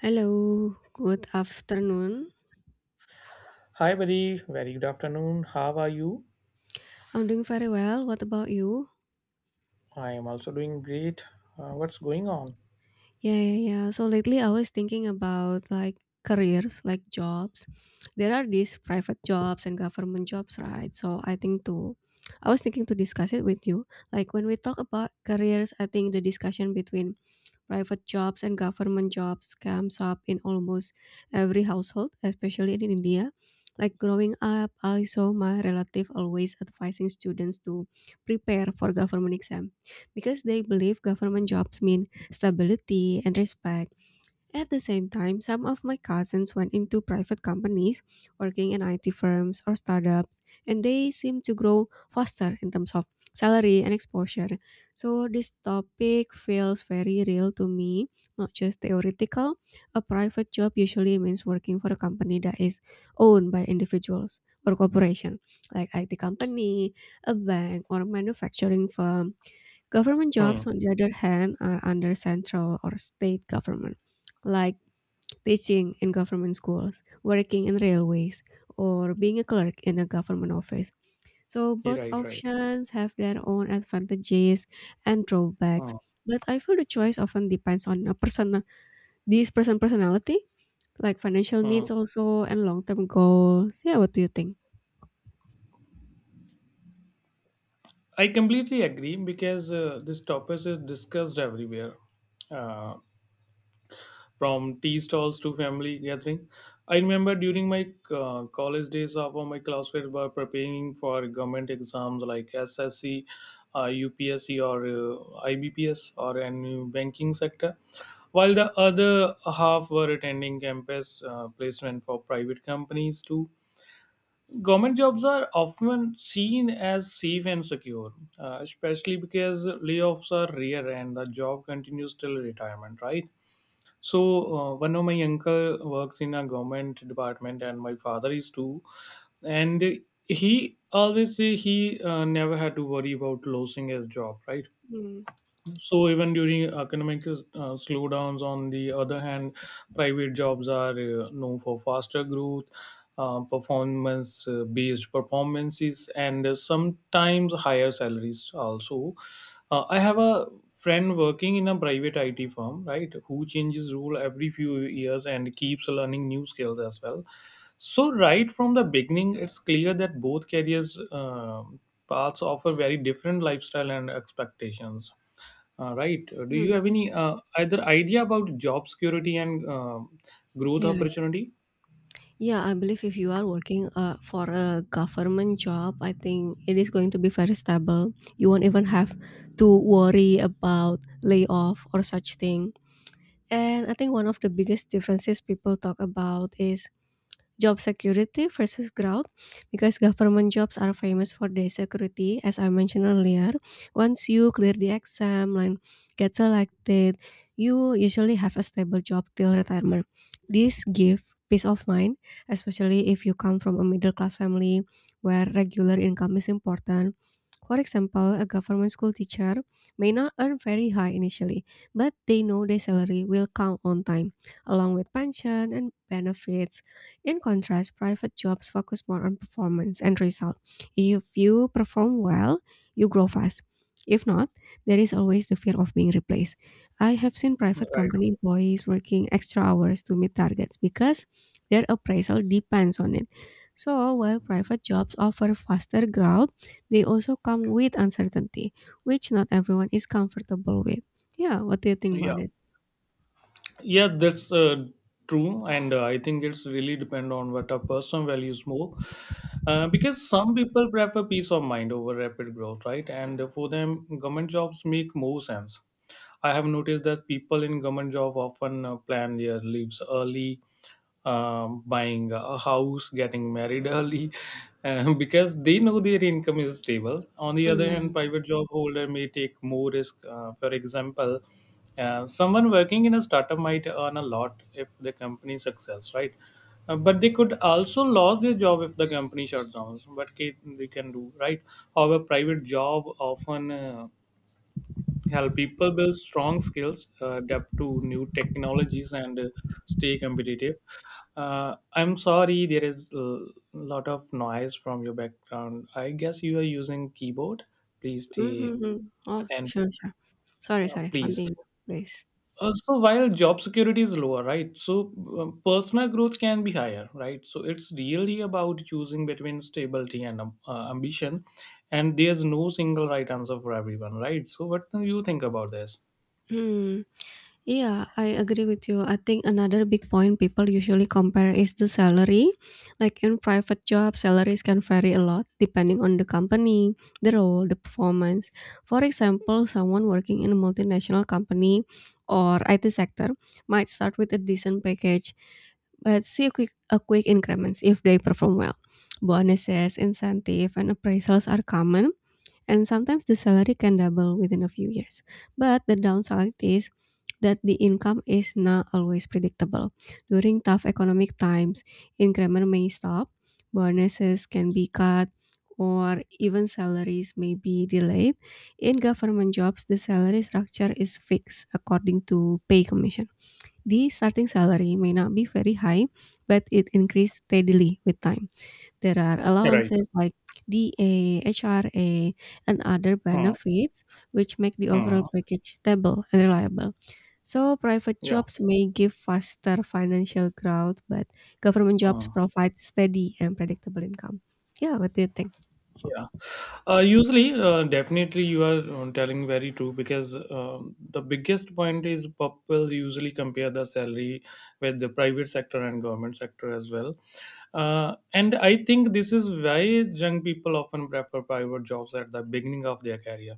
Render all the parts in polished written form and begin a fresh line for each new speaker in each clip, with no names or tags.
Hello, good afternoon.
Hi, buddy. Very good afternoon. How are you?
I'm doing very well. What about you?
I am also doing great. What's going on?
Yeah. So lately I was thinking about like careers, like jobs. There are these private jobs and government jobs, right? I was thinking to discuss it with you. Like when we talk about careers, I think the discussion between private jobs and government jobs comes up in almost every household, especially in India. Like growing up, I saw my relative always advising students to prepare for government exam because they believe government jobs mean stability and respect at the same time. Some of my cousins went into private companies, working in IT firms or startups, and they seem to grow faster in terms of salary and exposure. So this topic feels very real to me, not just theoretical. A private job usually means working for a company that is owned by individuals or corporation, like IT company, a bank, or a manufacturing firm. Government jobs,
Hmm.
on the other hand, are under central or state government, like teaching in government schools, working in railways, or being a clerk in a government office. So
you
both
Right. Right.
options have their own advantages and drawbacks.
Hmm.
But I feel the choice often depends on a personal this person personality, like financial
Hmm.
needs also and long term goals. Yeah, what do you think?
I completely agree because this topic is discussed everywhere. Uh, from tea stalls to family gathering. I remember during my college days, half of my classmates were preparing for government exams like SSC, UPSC, or IBPS, or any banking sector, while the other half were attending campus placement for private companies too. Government jobs are often seen as safe and secure, especially because layoffs are rare and the job continues till retirement, right? So one of my uncle works in a government department, and my father is too. And he always say he never had to worry about losing his job, right?
Hmm.
So even during economic slowdowns, on the other hand, private jobs are known for faster growth, performance-based performances, and sometimes higher salaries also. I have a friend working in a private IT firm, right, who changes role every few years and keeps learning new skills as well. So right from the beginning, it's clear that both careers, paths offer very different lifestyle and expectations right. Do you
Hmm.
have any either idea about job security and growth
Yeah.
opportunity?
Yeah, I believe if you are working for a government job, I think it is going to be very stable. You won't even have to worry about layoff or such thing. And I think one of the biggest differences people talk about is job security versus growth, because government jobs are famous for their security, as I mentioned earlier. Once you clear the exam and get selected, you usually have a stable job till retirement. This gives peace of mind, especially if you come from a middle class family where regular income is important. For example, a government school teacher may not earn very high initially, but they know their salary will come on time, along with pension and benefits. In contrast, private jobs focus more on performance and result. If you perform well, you grow fast. If not, there is always the fear of being replaced. I have seen private company employees working extra hours to meet targets because their appraisal depends on it. So, while private jobs offer faster growth, they also come with uncertainty, which not everyone is comfortable with. Yeah, what do you think
Yeah.
about it?
Yeah, that's true, and I think it's really depend on what a person values more. Because some people prefer peace of mind over rapid growth, right? And for them, government jobs make more sense. I have noticed that people in government job often plan their leaves early, buying a house, getting married early, because they know their income is stable. On the other hand, private job holder may take more risk. For example, someone working in a startup might earn a lot if the company success, right? But they could also lose their job if the company shuts down. They can do, right? However, private job often help people build strong skills, adapt to new technologies, and stay competitive. I'm sorry, there is a lot of noise from your background. I guess you are using keyboard. Please stay
Mhm. Oh,
attend,
sure, sure. Sorry, sorry.
please.
Continue, please.
So while job security is lower, right? So personal growth can be higher, right? So it's really about choosing between stability and ambition, and there's no single right answer for everyone, right? So what do you think about this?
Hmm. Yeah, I agree with you. I think another big point people usually compare is the salary. Like in private jobs, salaries can vary a lot depending on the company, the role, the performance. For example, someone working in a multinational company or IT sector might start with a decent package but see a quick increments if they perform well. Bonuses, incentive, and appraisals are common, and sometimes the salary can double within a few years. But the downside is that the income is not always predictable. During tough economic times, increment may stop, bonuses can be cut, or even salaries may be delayed. In government jobs, the salary structure is fixed according to pay commission. The starting salary may not be very high, but it increases steadily with time. There are
Right.
allowances like DA, HRA, and other
Hmm.
benefits, which make the
Hmm.
overall package stable and reliable. So, private
Yeah.
jobs may give faster financial growth, but government jobs
Hmm.
provide steady and predictable income. Yeah, what do you think?
Yeah. Usually, definitely, you are telling very true because the biggest point is people usually compare the salary with the private sector and government sector as well. And I think this is why young people often prefer private jobs at the beginning of their career.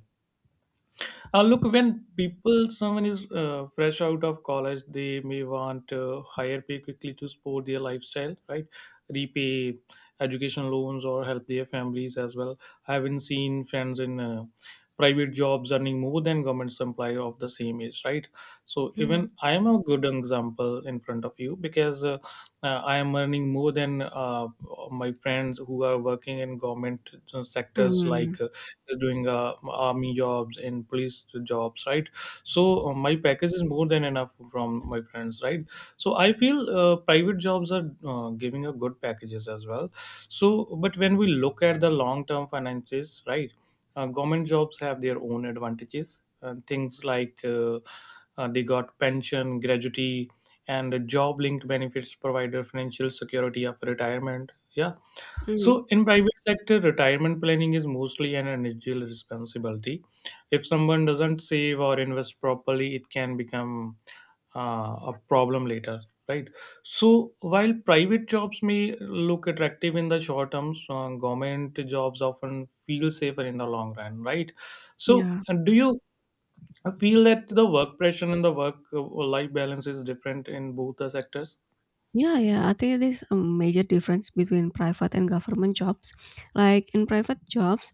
Look, when people, someone is fresh out of college, they may want higher pay quickly to support their lifestyle, right? Repay education loans or help their families as well. I haven't seen friends in private jobs earning more than government employee of the same age, right? So
Mm,
even I am a good example in front of you because I am earning more than my friends who are working in government sectors
mm,
like doing army jobs in police jobs, right? So my package is more than enough from my friends, right? So I feel private jobs are giving a good packages as well. So but when we look at the long term finances, right? Government jobs have their own advantages and things like they got pension, gratuity, and job-linked benefits provided financial security after retirement. Yeah.
mm,
So in private sector, retirement planning is mostly an individual responsibility. If someone doesn't save or invest properly, it can become a problem later, right? So while private jobs may look attractive in the short term, government jobs often feel safer in the long run, right? So
yeah.
do you I feel that the work pressure and the work life balance is different in both the sectors.
Yeah, yeah. I think it is a major difference between private and government jobs. Like in private jobs,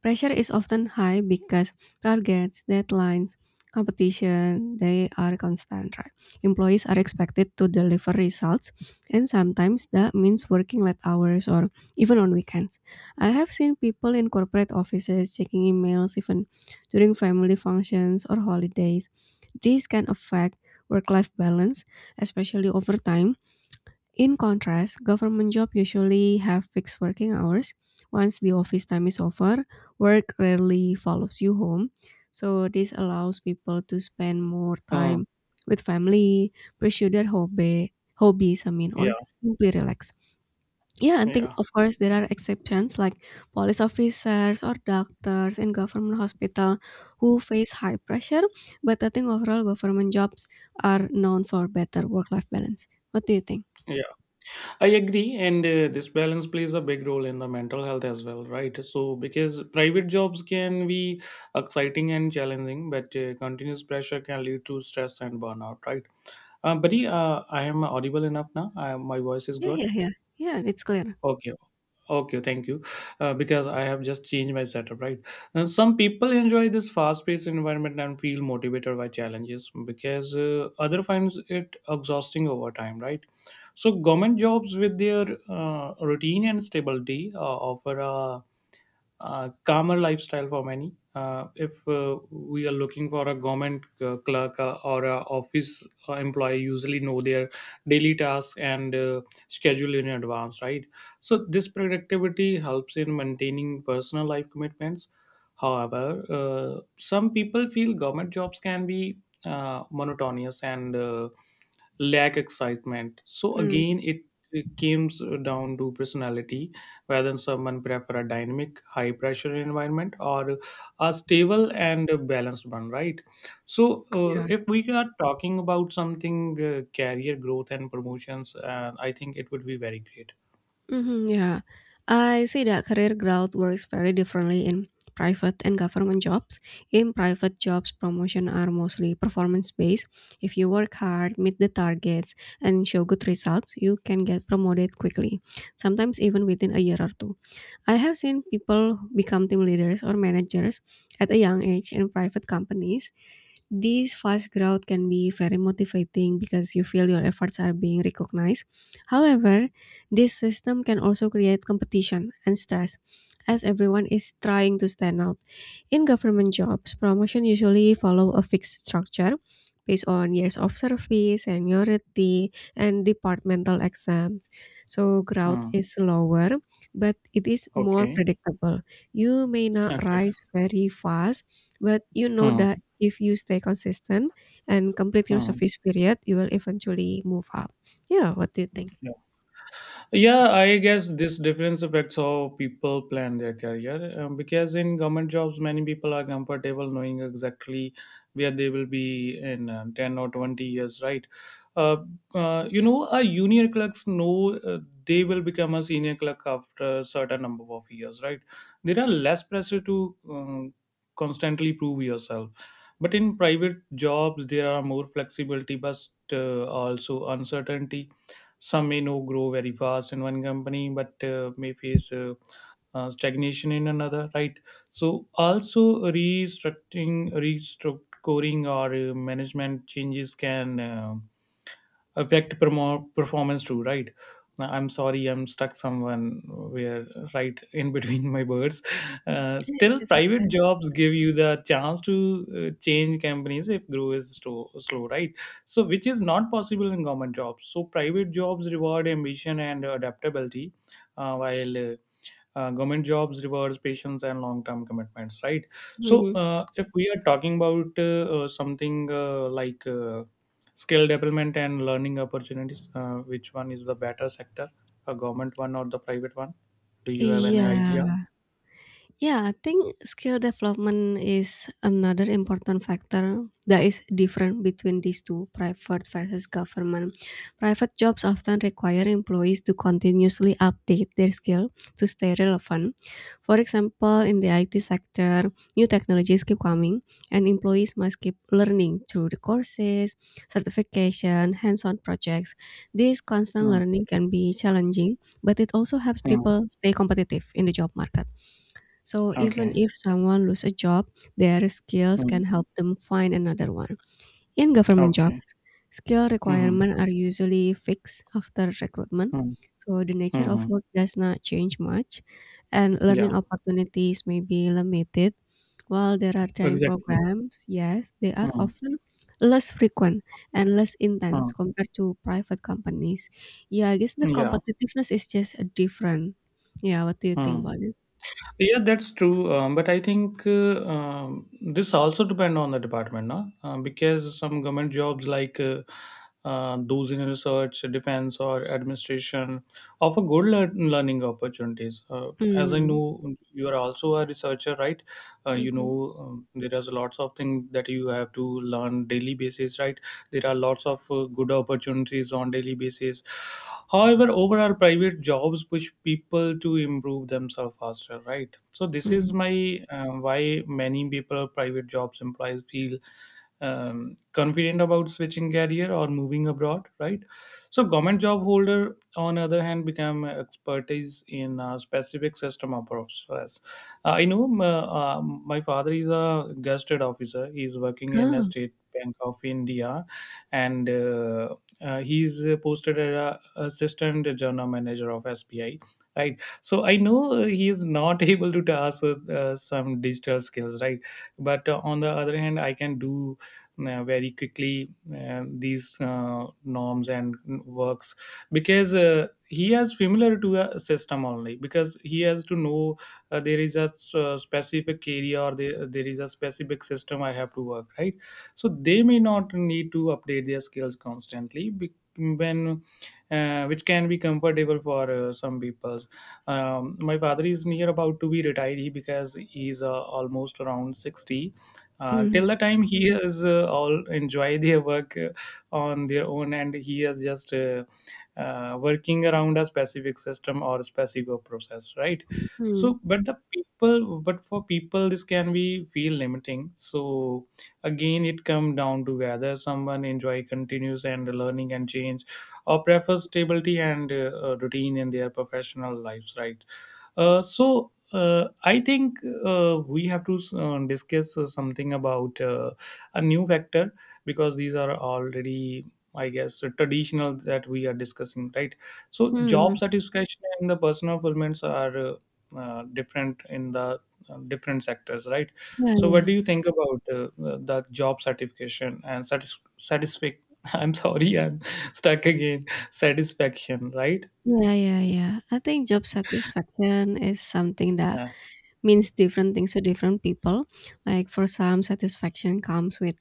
pressure is often high because targets, deadlines, competition, they are constant, right? Employees are expected to deliver results, and sometimes that means working late hours or even on weekends. I have seen people in corporate offices checking emails even during family functions or holidays. This can affect work life balance, especially over time. In contrast, government jobs usually have fixed working hours. Once the office time is over, work rarely follows you home. So this allows people to spend more
Hmm.
time with family, pursue their hobbies, or
Yeah,
simply relax. Yeah, and think
yeah,
of course there are exceptions like police officers or doctors in government hospital who face high pressure. But I think overall government jobs are known for better work-life balance. What do you think?
yeah. I agree, and this balance plays a big role in the mental health as well, right? So, because private jobs can be exciting and challenging, but continuous pressure can lead to stress and burnout, right? Buddy, I am audible enough now. My voice is
Yeah
good.
yeah yeah. Yeah, it's clear.
Okay. Okay, thank you. Because I have just changed my setup, right? Some people enjoy this fast-paced environment and feel motivated by challenges because other finds it exhausting over time, right? So government jobs with their routine and stability offer a calmer lifestyle for many. If we are looking for a government clerk or a office employee, usually know their daily tasks and schedule in advance, right? So this productivity helps in maintaining personal life commitments. However, some people feel government jobs can be monotonous and lack excitement. So
Mm,
again, it comes down to personality whether someone prefer a dynamic high pressure environment or a stable and balanced one, right? So
yeah.
if we are talking about something career growth and promotions, I think it would be very great.
Mhm, yeah. I see that career growth works very differently in private and government jobs. In private jobs, promotion are mostly performance based. If you work hard, meet the targets, and show good results, you can get promoted quickly, sometimes even within a year or two. I have seen people become team leaders or managers at a young age in private companies. This fast growth can be very motivating because you feel your efforts are being recognized. However, this system can also create competition and stress as everyone is trying to stand out. In government jobs, promotion usually follow a fixed structure based on years of service, seniority, and departmental exams. So growth
Hmm.
is slower, but it is more
Okay.
predictable. You may not
Okay.
rise very fast, but you know
Hmm.
that if you stay consistent and complete your
Hmm.
service period, you will eventually move up. Yeah, what do you think?
Yeah, I guess this difference affects how people plan their career because in government jobs, many people are comfortable knowing exactly where they will be in 10 or 20 years, right? Uh, junior clerks know they will become a senior clerk after a certain number of years, right? There are less pressure to constantly prove yourself. But in private jobs, there are more flexibility, but also uncertainty. Some may know grow very fast in one company, but may face stagnation in another. Right. So also restructuring or management changes can affect performance too, right? I'm sorry, I'm stuck someone where right in between my birds. uh,
Yes,
still
yes, of
private
course.
jobs give you the chance to change companies if growth is slow, right? So which is not possible in government jobs. So private jobs reward ambition and adaptability, while government jobs rewards patience and long-term commitments, right? So
Mhm.
if we are talking about something like skill development and learning opportunities, which one is the better sector, a government one or the private one? Do you have any idea?
Yeah. Yeah, I think skill development is another important factor that is different between these two, private versus government. Private jobs often require employees to continuously update their skill to stay relevant. For example, in the IT sector, new technologies keep coming and employees must keep learning through the courses, certification, hands-on projects. This constant
Mm,
learning can be challenging, but it also helps
mm.
people stay competitive in the job market. So even
Okay.
if someone lose a job, their skills
Mm.
can help them find another one. In government
Okay.
jobs, skill
Mm-hmm.
requirements are usually fixed after recruitment. So the nature of
Mm-hmm.
work does not change much and learning
Yeah.
opportunities may be limited. While there are training
Exactly.
programs, yes, they are
Mm-hmm.
often less frequent and less intense compared to private companies. Yeah, I guess the
Yeah.
competitiveness is just different. Yeah, what do you think
Mm. Yeah.
about it?
Yeah, that's true. But I think this also depend on the department, no? Because some government jobs like those in research, defense, or administration offer good learning opportunities. As I
Hmm.
know, you are also a researcher, right?
Mhm.
There is lots of things that you have to learn daily basis, right? There are lots of good opportunities on daily basis. However, overall private jobs push people to improve themselves faster, right? So this is
Mm.
my why many people private jobs employees feel um, confident about switching career or moving abroad, right? So government job holder on other hand become expertise in a specific system of process. My father is a gusted officer. He's working in a
Oh.
state bank of India, and he's posted as a assistant general manager of SBI. Right, so I know he is not able to task some digital skills, right? But on the other hand, I can do very quickly these norms and works because he has familiar to a system only because he has to know there is a specific area or there is a specific system I have to work, right? So they may not need to update their skills constantly be- when which can be comfortable for some people. My father is near about to be retired he because he's almost around 60. uh,
Mm,
till the time he is all enjoy their work on their own and he is just working around a specific system or specific process, right?
mm,
So but the people but for people this can be feel limiting. So again it come down to whether someone enjoy continues and learning and change or prefers stability and routine in their professional lives, right? So I think we have to discuss something about a new vector because these are already, I guess, traditional that we are discussing, right? So job
mm.
satisfaction and the personal fulfillments are different in the different sectors, right?
Yeah,
So what
yeah.
do you think about the job certification and satisfaction? I'm sorry, I'm stuck again. Satisfaction, right?
Yeah. I think job satisfaction is something that means different things to different people. Like for some, satisfaction comes with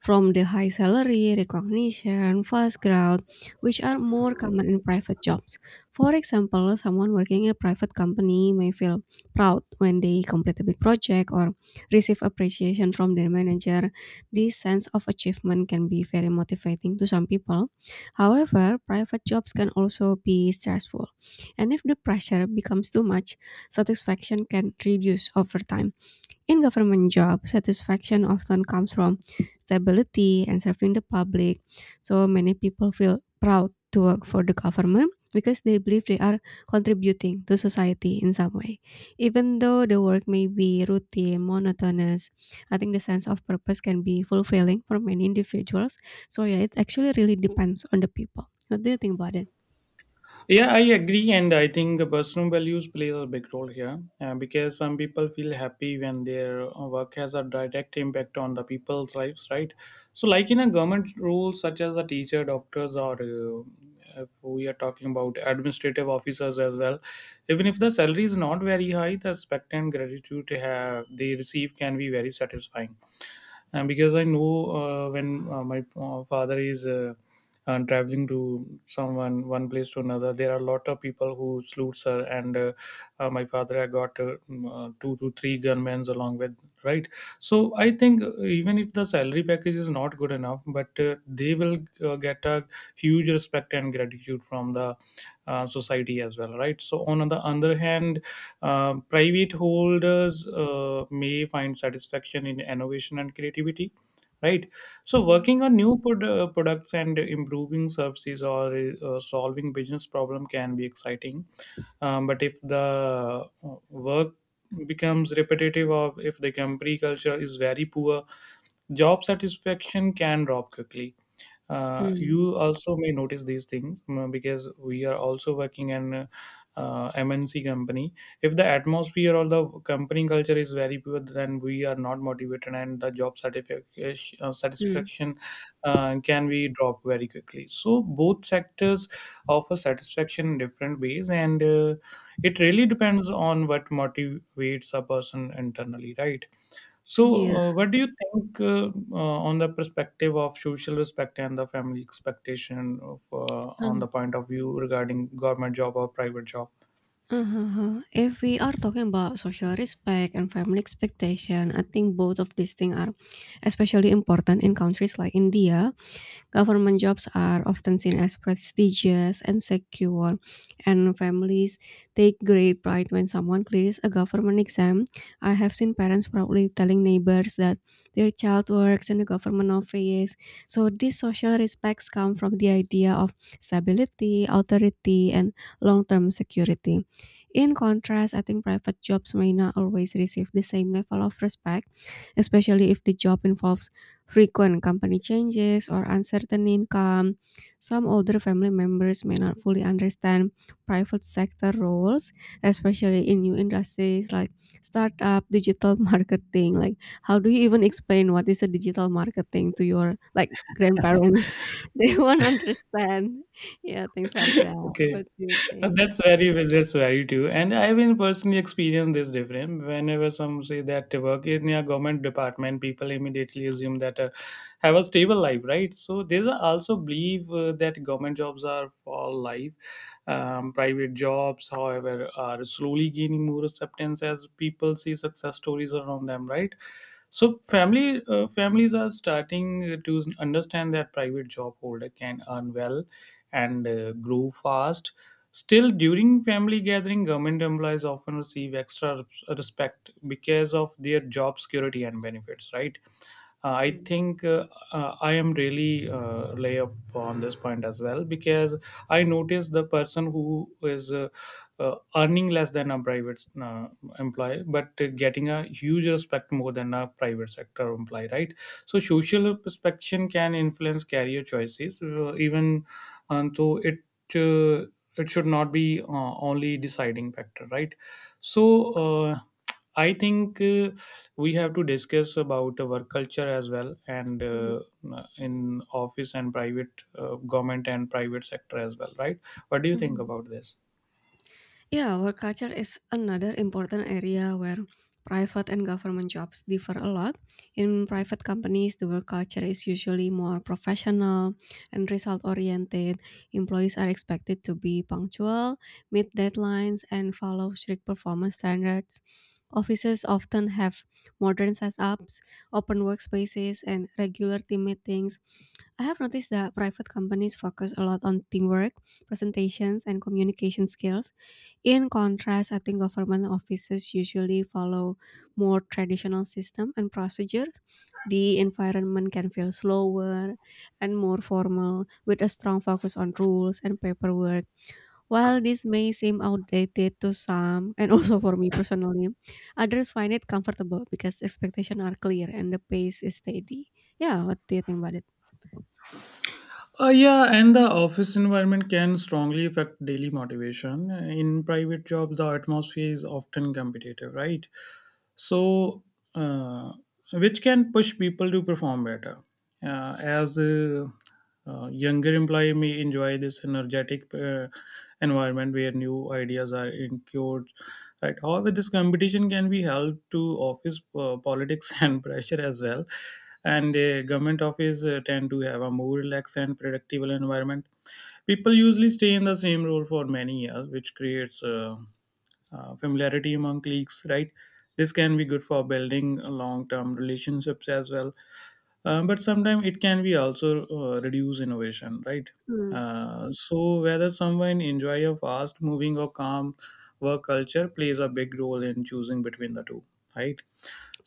from the high salary, recognition, fast growth, which are more common in private jobs. For example, someone working in a private company may feel proud when they complete a big project or receive appreciation from their manager. This sense of achievement can be very motivating to some people. However, private jobs can also be stressful. And if the pressure becomes too much, satisfaction can reduce over time. In government job, satisfaction often comes from stability and serving the public. So many people feel proud to work for the government because they believe they are contributing to society in some way. Even though the work may be routine, monotonous, I think the sense of purpose can be fulfilling for many individuals. So yeah, it actually really depends on the people. What do you think about it?
Yeah, I agree, and I think the personal values plays a big role here, because some people feel happy when their work has a direct impact on the people's lives, right? So, like in a government role, such as a teacher, doctors, or, if we are talking about administrative officers as well, even if the salary is not very high, the respect and gratitude they receive can be very satisfying. And because I know, when my father is traveling to someone one place to another, there are a lot of people who salutes her. And my father I got two to three gunmen along with, right. So I think, even if the salary package is not good enough, but they will get a huge respect and gratitude from the society as well, right? So on the other hand, private holders may find satisfaction in innovation and creativity, right? So
Mhm.
working on new products and improving services, or solving business problem can be exciting. But if the work becomes repetitive or if the company culture is very poor, job satisfaction can drop quickly. uh,
Mm,
you also may notice these things, because we are also working in MNC company. If the atmosphere or the company culture is very poor, then we are not motivated, and the job satisfaction uh,
mm,
satisfaction can be dropped very quickly. So both sectors offer satisfaction in different ways, and it really depends on what motivates a person internally, right? So,
Yeah.
what do you think on the perspective of social respect and the family expectation of, on the point of view regarding government job or private job?
Uh-huh. If we are talking about social respect and family expectation, I think both of these things are especially important in countries like India. Government jobs are often seen as prestigious and secure, and families take great pride when someone clears a government exam. I have seen parents proudly telling neighbors that their child works in the government office. So these social respects come from the idea of stability, authority, and long-term security. In contrast, I think private jobs may not always receive the same level of respect, especially if the job involves frequent company changes, or uncertain income. Some older family members may not fully understand private sector roles, especially in new industries like startup, digital marketing. Like, how do you even explain what is a digital marketing to your like grandparents? They won't understand. Yeah, things like that.
Okay.
What do you
Uh,
think?
that's very that's very true, and I will personally experience this difference. Whenever some say that they work in a government department, people immediately assume that, have a stable life, right? So there's a also believe that government jobs are for life. Private jobs, however, are slowly gaining more acceptance as people see success stories around them, right? So family families are starting to understand that private job holder can earn well and grow fast. Still, during family gathering, government employees often receive extra respect because of their job security and benefits, right? I
Mm.
think, I am really lay up on this point as well because I notice the person who is earning less than a private employee but getting a huge respect more than a private sector employee, right? So social perception can influence career choices, even, though uh, it should not be only deciding factor, right? So. I think we have to discuss about work culture as well, and
Mhm,
in office and private, government and private sector as well, right? What do you think
mhm.
about this?
Yeah, work culture is another important area where private and government jobs differ a lot. In private companies, the work culture is usually more professional and result oriented. Employees are expected to be punctual, meet deadlines, and follow strict performance standards. Offices often have modern setups, open workspaces, and regular team meetings. I have noticed that private companies focus a lot on teamwork, presentations, and communication skills. In contrast, I think government offices usually follow more traditional system and procedure. The environment can feel slower and more formal with a strong focus on rules and paperwork. While this may seem outdated to some and also for me personally, others find it comfortable because expectations are clear and the pace is steady. Yeah, what do you think about it?
Yeah, and the office environment can strongly affect daily motivation. In private jobs, the atmosphere is often competitive, right? So, uh, which can push people to perform better. As younger employee may enjoy this energetic environment where new ideas are incurred, right? However, this competition can be held to office politics and pressure as well. And government office tend to have a more relaxed and predictable environment. People usually stay in the same role for many years, which creates familiarity among colleagues, right? This can be good for building long term relationships as well. But sometimes it can be also reduce innovation, right?
Hmm.
So whether someone enjoy a fast moving or calm work culture plays a big role in choosing between the two, right?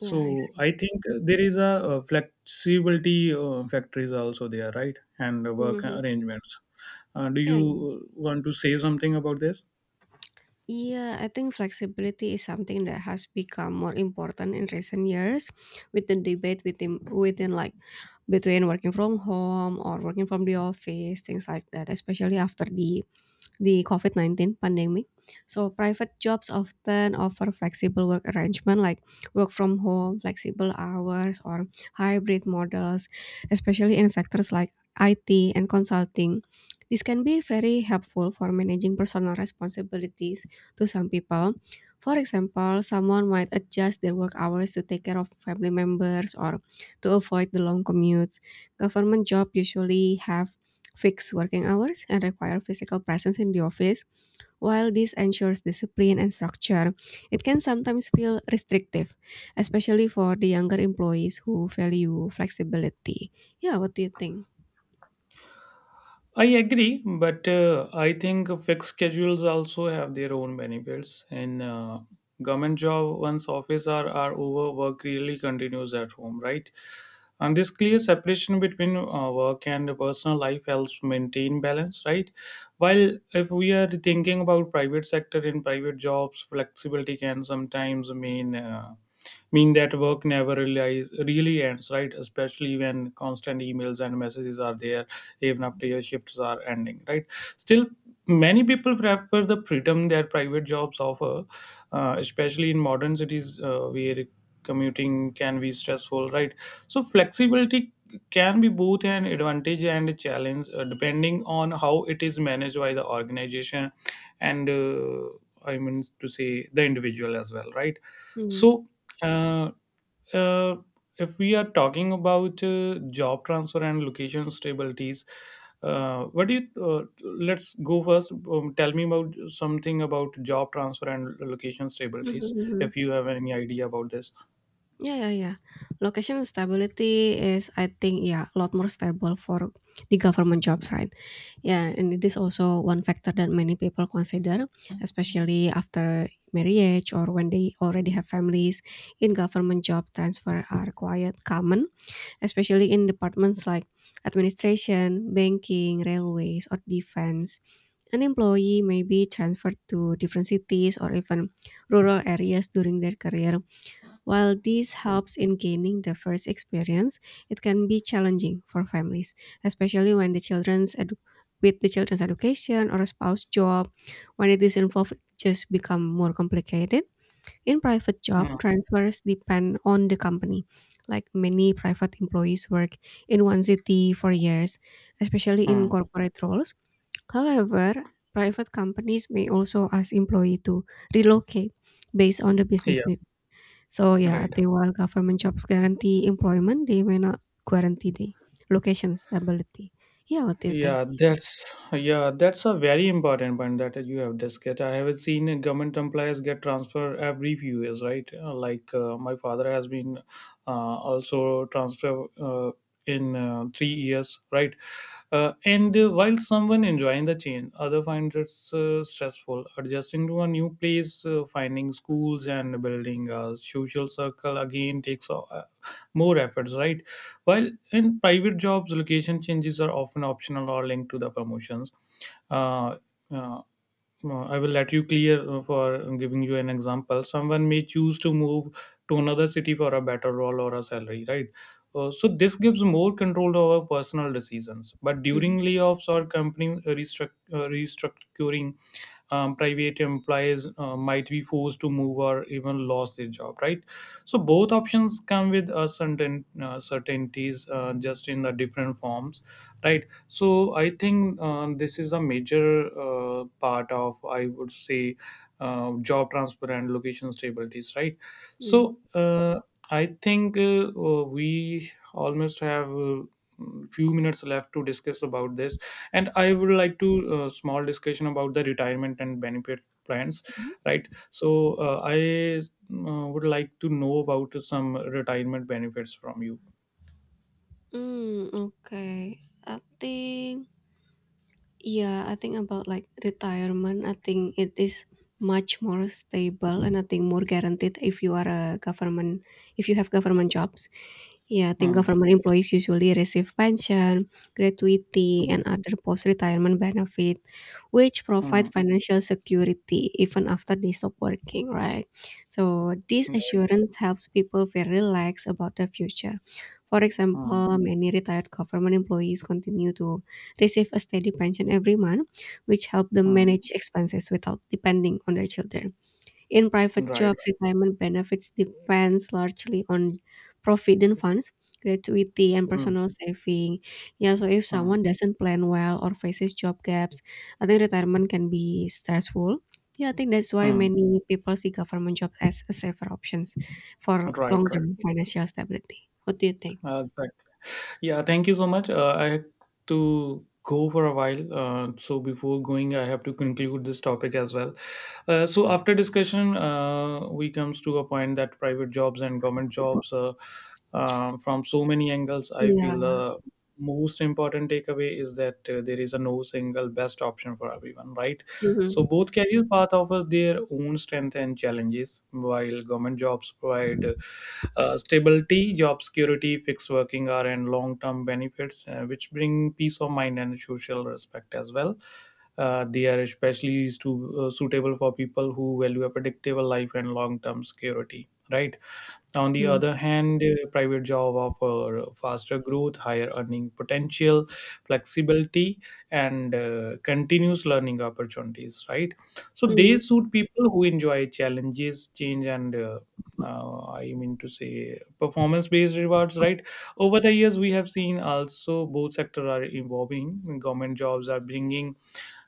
Yeah, I see.
I think there is a, flexibility factories also there, right? And work
hmm
arrangements. Do
Yeah, yeah.
you want to say something about this?
Yeah, I think flexibility is something that has become more important in recent years with the debate within like between working from home or working from the office, things like that, especially after the COVID-19 pandemic. So, private jobs often offer flexible work arrangement like work from home, flexible hours, or hybrid models, especially in sectors like IT and consulting. This can be very helpful for managing personal responsibilities to some people. For example, someone might adjust their work hours to take care of family members or to avoid the long commutes. Government jobs usually have fixed working hours, and require physical presence in the office. While this ensures discipline and structure, it can sometimes feel restrictive, especially for the younger employees who value flexibility. Yeah, what do you think?
I agree, but I think fixed schedules also have their own benefits. And government job, once office are over, work really continues at home, right? And this clear separation between work and personal life helps maintain balance, right? While if we are thinking about private sector in private jobs, flexibility can sometimes mean that work never really ends, right? Especially when constant emails and messages are there even after your shifts are ending, right? Still, many people prefer the freedom that private jobs offer, especially in modern cities where commuting can be stressful, right? So flexibility can be both an advantage and a challenge, depending on how it is managed by the organization, and I mean to say the individual as well, right?
Hmm.
So, uh, uh, if we are talking about job transfer and location stabilities, what do you? Let's go first. Tell me about something about job transfer and location stabilities. If you have any idea about this.
Yeah, yeah, yeah. Location stability is, I think, yeah, a lot more stable for the government jobs, right? Yeah, and it is also one factor that many people consider, especially after marriage or when they already have families. In government job, transfer are quite common, especially in departments like administration, banking, railways, or defense. An employee may be transferred to different cities or even rural areas during their career. While this helps in gaining the first experience, it can be challenging for families, especially when with the children's education or spouse job, when it is involved, it just become more complicated. In private job,
Hmm.
transfers depend on the company. Like many private employees work in one city for years, especially in
Hmm.
corporate roles. However, private companies may also ask employee to relocate based on the business
Yeah.
need. So, yeah,
Right.
at the while government jobs guarantee employment, they may not guarantee the location stability. Yeah, what do you think?
Yeah, that's a very important point that you have discussed. I have seen government employees get transfer every few years, right? Like my father has been also transfer in 3 years, right? And while someone enjoying the change, other finds it stressful. Adjusting to a new place, finding schools, and building a social circle again takes more efforts, right? While in private jobs, location changes are often optional or linked to the promotions. Uh, uh, I will let you clear for giving you an example. Someone may choose to move to another city for a better role or a salary, right? So this gives more control over personal decisions. But
Mhm,
during layoffs or company restructuring, private employees might be forced to move or even lost their job, right? So both options come with a certainties, just in the different forms, right? So I think, this is a major part of, I would say, job transfer and location stabilities, right?
mm,
So, I think, we almost have. Few minutes left to discuss about this, and I would like to, small discussion about the retirement and benefit plans,
mhm.
right? So, I would like to know about some retirement benefits from you.
Mm, okay. I think yeah, I think about like retirement. I think it is much more stable and I think more guaranteed if you are a government if you have government jobs. Yeah, I think
Hmm.
government employees usually receive pension, gratuity, and other post retirement benefit, which
Hmm.
provide financial security even after they stop working, right? So this
Hmm. Right.
assurance helps people feel relaxed about the future. For
Hmm.
example, many retired government employees continue to receive a steady pension every month, which help them
Hmm.
manage expenses without depending on their children. In private
Right, right.
jobs, retirement benefits depends largely on provident funds, gratuity, and
Hmm.
personal saving. Yeah, so if
Hmm.
someone doesn't plan well or faces job gaps, I think retirement can be stressful. Yeah, I think that's why
Hmm.
many people see government jobs as a safer options for
Right, right.
long-term financial stability. What do you think?
Exactly. Yeah, thank you so much. I have to go for a while. So before going, I have to conclude this topic as well. So after discussion, we comes to a point that private jobs and government jobs, from so many angles, I
Yeah.
feel the most important takeaway is that, there is a no single best option for everyone, right?
Hmm.
So both career paths offer their own strengths and challenges. While government jobs provide stability, job security, fixed working hour, and long-term benefits, which bring peace of mind and social respect as well. They are especially to, suitable for people who value a predictable life and long-term security, right? On the
Mm,
other hand, private job offer faster growth, higher earning potential, flexibility, and continuous learning opportunities, right? So they
mm,
suit people who enjoy challenges, change, and I mean to say performance based rewards, right? Over the years, we have seen also both sectors are evolving. Government jobs are bringing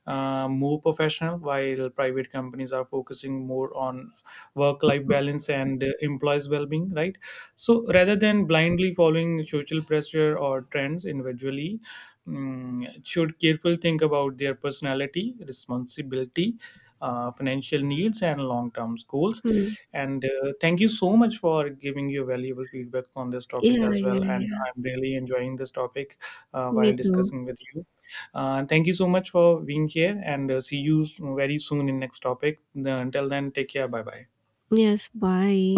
more professional, while private companies are focusing more on work life balance and employees' well being, right? So rather than blindly following social pressure or trends individually, should carefully think about their personality, responsibility, financial needs, and long-term goals.
mm.
And thank you so much for giving your valuable feedback on this topic
Yeah,
as
yeah,
well, and
yeah.
I'm really enjoying this topic
Me
while
too.
discussing with you. Thank you so much for being here, and see you very soon in next topic. Until then, take care. Bye bye.
Yes, bye.